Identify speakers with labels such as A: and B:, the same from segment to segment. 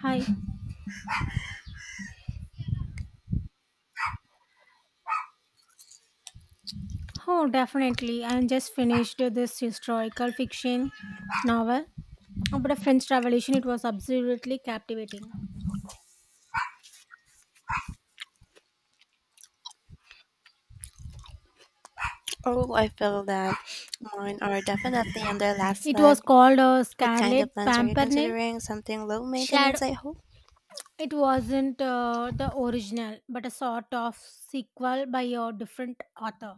A: Hi. Oh, definitely. I just finished this historical fiction novel about a French Revolution. It was absolutely captivating.
B: Oh, I feel that. Mine are definitely on their last
A: It was
B: leg.
A: called
B: What kind
A: Scarlet
B: of plants are you
A: Pimpernel
B: considering? Something low
A: Shadow.
B: maintenance, I hope.
A: It wasn't the original, but a sort of sequel by a different author.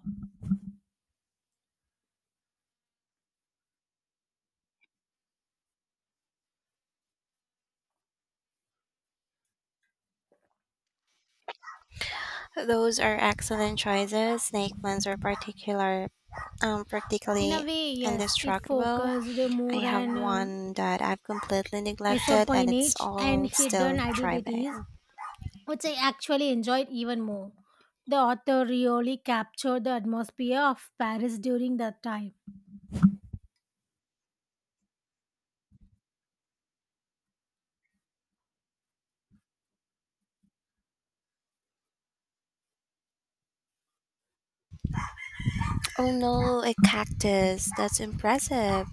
B: Those are excellent choices. Snake plants are particular, um,
A: In a
B: particularly
A: way, yes, it
B: indestructible.
A: focused
B: I
A: more
B: have
A: on
B: one that I've completely neglected, and it's
A: esopionage and
B: all
A: hidden
B: still thriving.
A: identities which I actually enjoyed even more. The author really captured the atmosphere of Paris during that time.
B: Oh no, a cactus! That's impressive.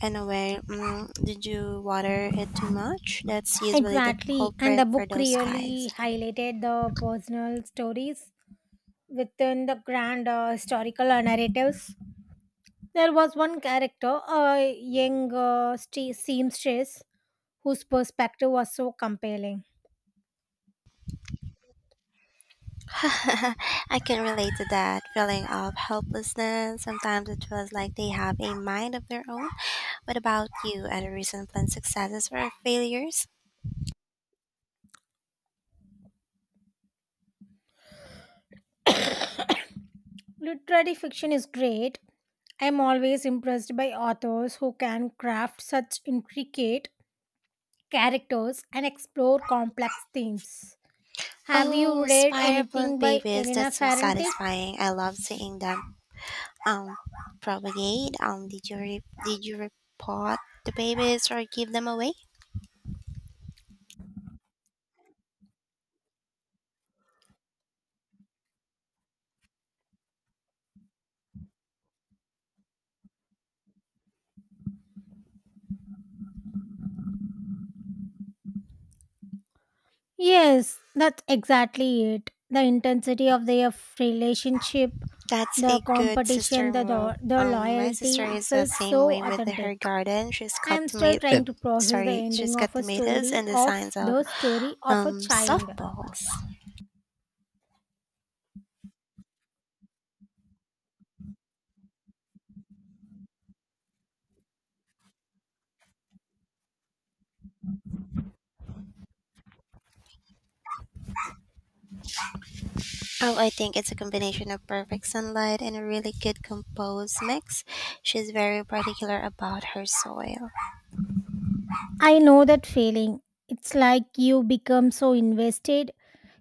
B: Anyway, did you water it too much? That's usually the
A: Exactly, and the
B: culprit for
A: book
B: those guys.
A: really highlighted the personal stories within the grand historical narratives. There was one character, a young seamstress, whose perspective was so compelling.
B: I can relate to that feeling of helplessness. Sometimes it feels like they have a mind of their own. What about you? Any recent plant successes or failures?
A: Literary fiction is great. I am always impressed by authors who can craft such intricate characters and explore complex themes. Have you
B: Oh,
A: read
B: spider plant
A: anything by
B: babies.
A: Elena
B: That's so
A: Ferrante?
B: satisfying. I love seeing them um propagate. Did you repot the babies or give them away?
A: Yes, that's exactly it. The intensity of their relationship,
B: That's
A: the
B: a good
A: competition,
B: sister
A: the,
B: move.
A: do- the
B: My sister
A: loyalty, it
B: is the
A: felt
B: same
A: so
B: way with
A: authentic.
B: her garden. She's got
A: I'm still
B: tomato.
A: trying to process the
B: Sorry, she's
A: ending
B: got
A: of a
B: tomatoes
A: story
B: and the
A: of
B: signs of
A: a child.
B: Softballs. Oh, I think it's a combination of perfect sunlight and a really good compost mix. She's very particular about her soil.
A: I know that feeling. It's like you become so invested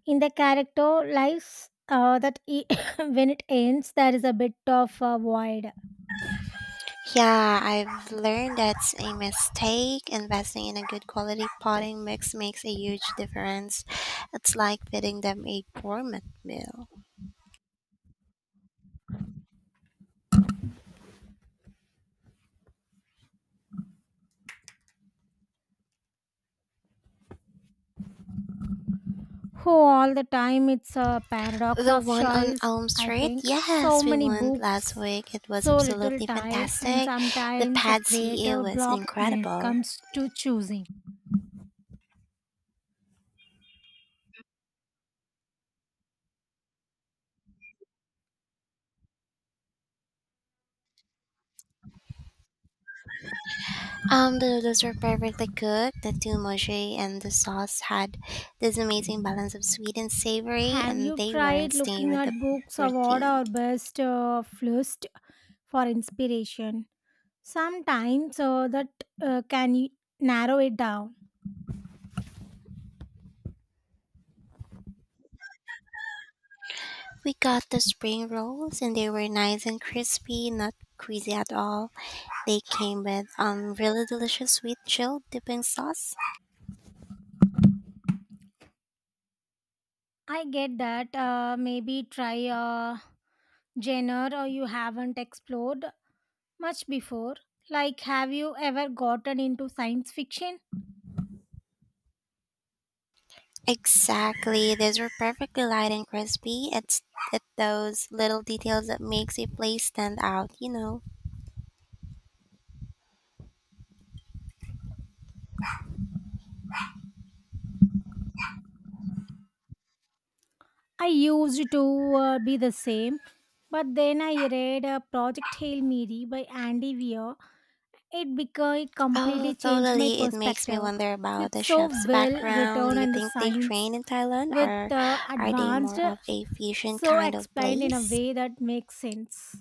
A: in the character lives when it ends, there is a bit of a void.
B: Yeah, I've learned that's a mistake. Investing in a good quality potting mix makes a huge difference. It's like feeding them a gourmet meal.
A: Oh, all the time it's a paradox
B: The
A: of
B: one on
A: choice.
B: Elm
A: I
B: Street?
A: think so
B: Yes, we
A: many
B: went last
A: books,
B: week. It was
A: so little
B: absolutely
A: time, and
B: fantastic. The
A: sometimes a
B: pad CEO
A: creative
B: was
A: block when it
B: incredible.
A: comes to choosing.
B: The noodles were perfectly cooked. The mochi and the sauce had this amazing balance of sweet and savory,
A: Have
B: and
A: you
B: they were in
A: tried
B: staying
A: looking
B: with the
A: at books of order
B: protein.
A: or best list for inspiration? Sometimes that can y- Narrow it down.
B: We got the spring rolls, and they were nice and crispy, not greasy at all. They came with really delicious sweet chilled dipping sauce.
A: I get that. Maybe try a genre or you haven't explored much before. Like, have you ever gotten into science fiction?
B: Exactly, these were perfectly light and crispy. It's those little details that makes a place stand out.
A: I used to be the same, but then I read Project Hail Mary by Andy Weir. It completely
B: Oh,
A: changed my
B: totally. It makes me
A: perspective.
B: wonder about
A: It's
B: the
A: so
B: chef's
A: well
B: background. Do
A: written
B: you
A: and the
B: think they
A: science
B: train in Thailand
A: with
B: or are they
A: advanced
B: more of a fusion
A: so
B: kind of
A: explained in a
B: place?
A: way that makes sense.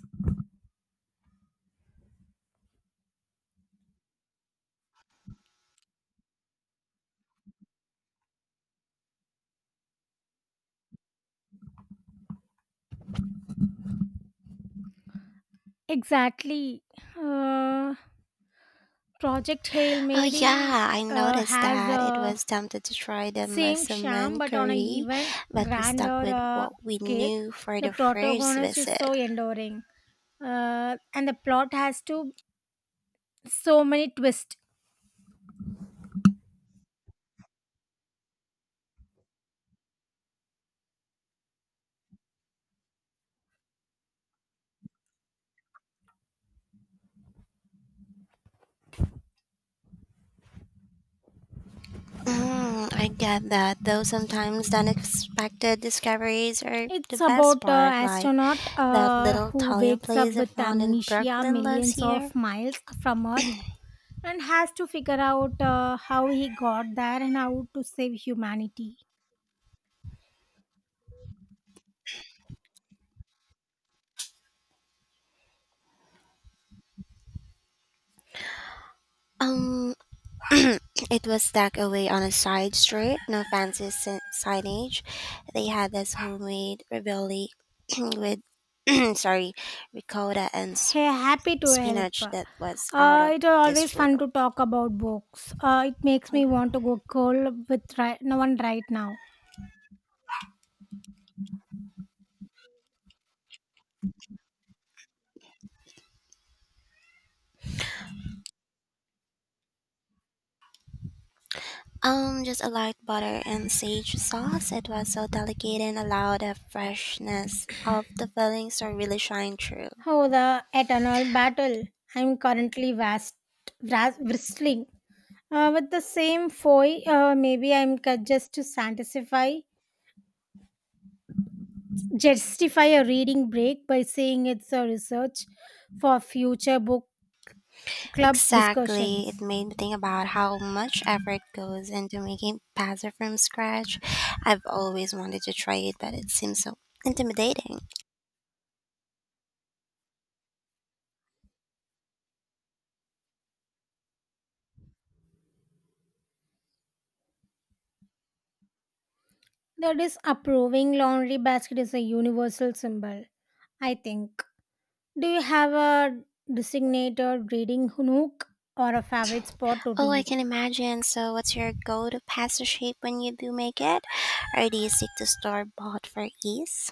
A: Exactly. Uh, Project Hail
B: Oh,
A: Mary
B: yeah, I noticed
A: has
B: that. It
A: a
B: was tempted to try the
A: same sham,
B: Masaman
A: but on a
B: curry,
A: even
B: but we stuck
A: grander
B: with what we
A: scale.
B: knew for
A: The
B: the first
A: protagonist is
B: visit.
A: so enduring, and the plot has to so many twists.
B: I get that, though sometimes the unexpected discoveries are
A: It's
B: the best
A: about an
B: part, like
A: astronaut
B: that little
A: who
B: Italian
A: wakes up
B: place I
A: with
B: found in
A: amnesia
B: Brooklyn last
A: millions
B: year.
A: of miles from Earth and has to figure out how he got there and how to save humanity.
B: Um, it was tucked away on a side street, no fancy signage. They had this homemade ravioli with, sorry, ricotta and
A: He happy to help.
B: spinach that was out of
A: It is always
B: this
A: fun to
B: world.
A: talk about books. It makes me want to go cold with no one right now.
B: Just a light butter and sage sauce. It was so delicate and allowed the freshness of the fillings to really shine through.
A: Oh, the eternal battle! I'm currently vast, vras- Wrestling with the same foe. Maybe I'm ca- just to satisfy Justify a reading break by saying it's a research for future book club
B: Exactly. It
A: discussions.
B: made me think about how much effort goes into making pasta from scratch. I've always wanted to try it, but it seems so intimidating.
A: That is approving laundry basket is a universal symbol, I think. Do you have a designated reading nook or a favorite spot to
B: Oh, I
A: read?
B: can imagine. So, what's your go to pasta shape when you do make it? Or do you stick to store bought for ease?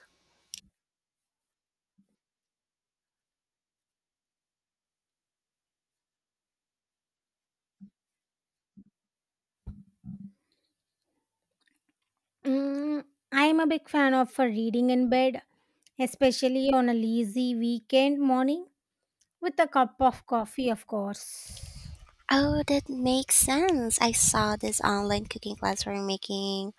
A: Mm, I am a big fan of reading in bed, especially on a lazy weekend morning with a cup of coffee, of course.
B: Oh, that makes sense. I saw this online cooking class for making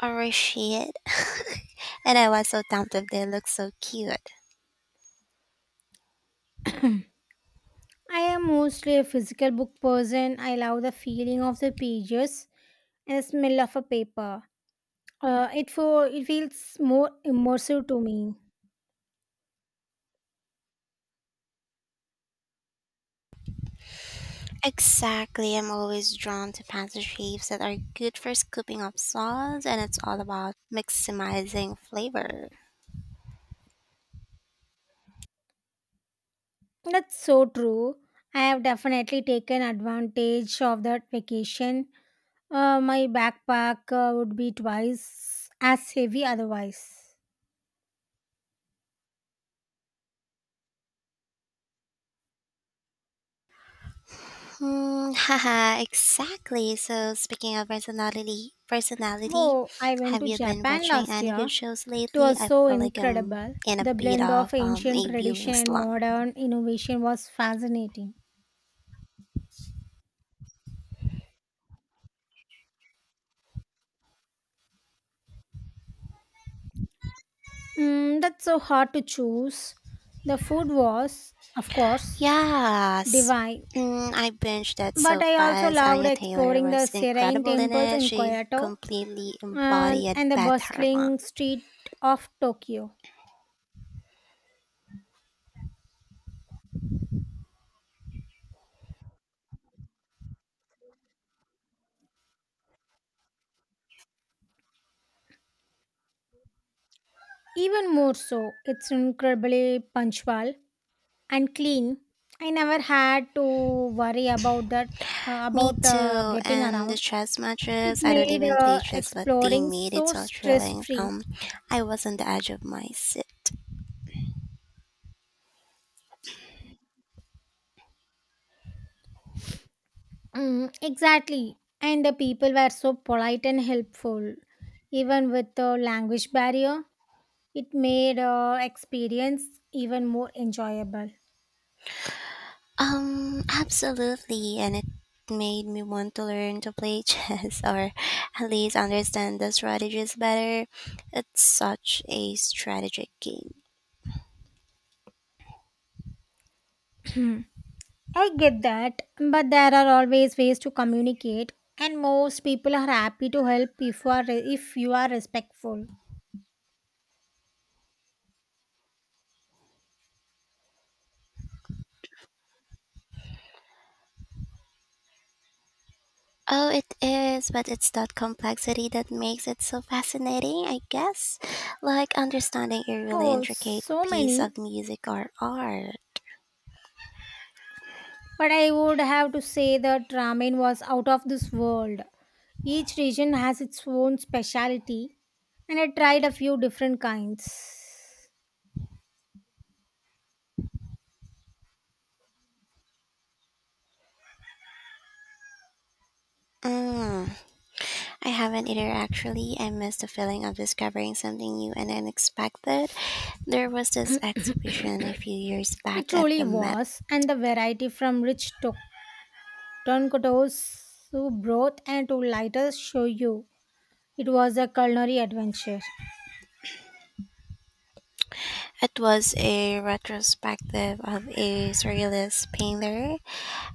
B: orachid, and I was so tempted. They look so cute.
A: I am mostly a physical book person. I love the feeling of the pages and the smell of a paper. It feels more immersive to me.
B: Exactly. I'm always drawn to pasta shapes that are good for scooping up sauce and it's all about maximizing flavor.
A: That's so true. I have definitely taken advantage of that vacation. My backpack would be twice as heavy otherwise.
B: Hmm, haha, exactly. So speaking of personality,
A: Oh, I went
B: have
A: to
B: you been
A: Japan
B: watching
A: last
B: any good
A: year.
B: shows
A: It
B: lately?
A: was
B: I
A: so
B: feel like I'm
A: incredible.
B: in a
A: The
B: bit
A: blend
B: of
A: of ancient
B: a viewing
A: tradition and
B: slump.
A: modern innovation was fascinating. Mm, that's so hard to choose. The food was, of course,
B: Yes.
A: divine.
B: I binged that
A: But
B: so
A: I also
B: fast.
A: loved
B: Anya Taylor
A: exploring the
B: was
A: serene
B: incredible in
A: temples
B: it.
A: in
B: She
A: Kyoto
B: completely
A: and,
B: embodied
A: and the
B: Beth Harmon.
A: bustling street of Tokyo. Even more so, it's incredibly punctual and clean. I never had to worry about that,
B: Me
A: about
B: too.
A: getting
B: And the
A: around.
B: chess
A: It
B: matches, I don't
A: made
B: even play chess, but they
A: exploring
B: made it
A: so
B: so
A: stress
B: thrilling.
A: free.
B: I was on the edge of my seat.
A: Mm, exactly, and the people were so polite and helpful, even with the language barrier. It made experience even more enjoyable.
B: Absolutely. And it made me want to learn to play chess or at least understand the strategies better. It's such a strategic game.
A: I get that, but there are always ways to communicate, and most people are happy to help if you are respectful.
B: Oh, it is, but it's that complexity that makes it so fascinating, I guess. Like understanding a really
A: Oh,
B: intricate
A: so
B: piece
A: many.
B: of music or art.
A: But I would have to say that ramen was out of this world. Each region has its own specialty, and I tried a few different kinds.
B: Mm. I haven't either, actually. I miss the feeling of discovering something new and unexpected. There was this exhibition a few years
A: It
B: back at
A: truly
B: the Met.
A: was, and the variety from rich Tonkotsu broth and two lighter shoyu. It was a culinary adventure.
B: It was a retrospective of a surrealist painter.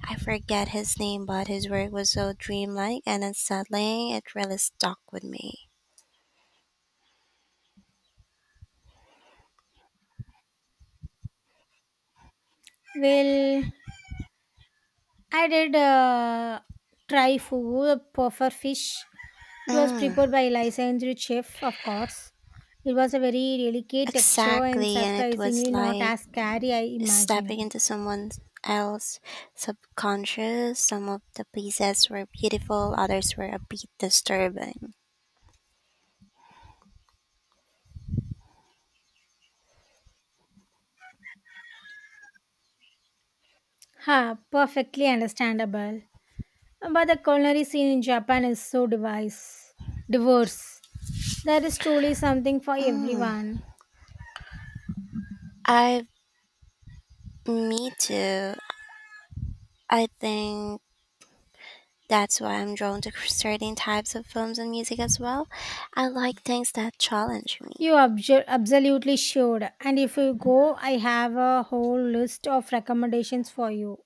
B: I forget his name, but his work was so dreamlike and unsettling, it really stuck with me.
A: Well, I did try food the puffer fish. It was
B: Mm,
A: prepared by licensed chef, of course. It was a very delicate texture and
B: exactly, and it was
A: surprisingly not
B: like
A: as scary I imagine.
B: stepping into someone else's subconscious, some of the pieces were beautiful, others were a bit disturbing.
A: Ha, perfectly understandable. But the culinary scene in Japan is so diverse. There is truly something for
B: Mm,
A: everyone.
B: I, me too. I think that's why I'm drawn to certain types of films and music as well. I like things that challenge me.
A: Absolutely should. And if you go, I have a whole list of recommendations for you.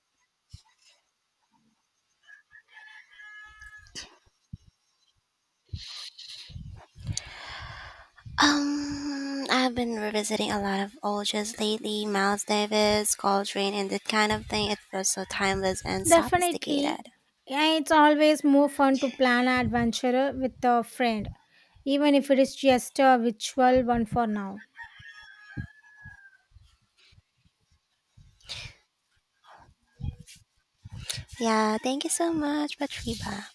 B: I've been revisiting a lot of old jazz lately, Miles Davis, Coltrane, and that kind of thing. It feels so timeless and
A: Definitely.
B: sophisticated.
A: Yeah, it's always more fun to plan an adventure with a friend, even if it is just a virtual one for now.
B: Yeah, thank you so much, Patriba.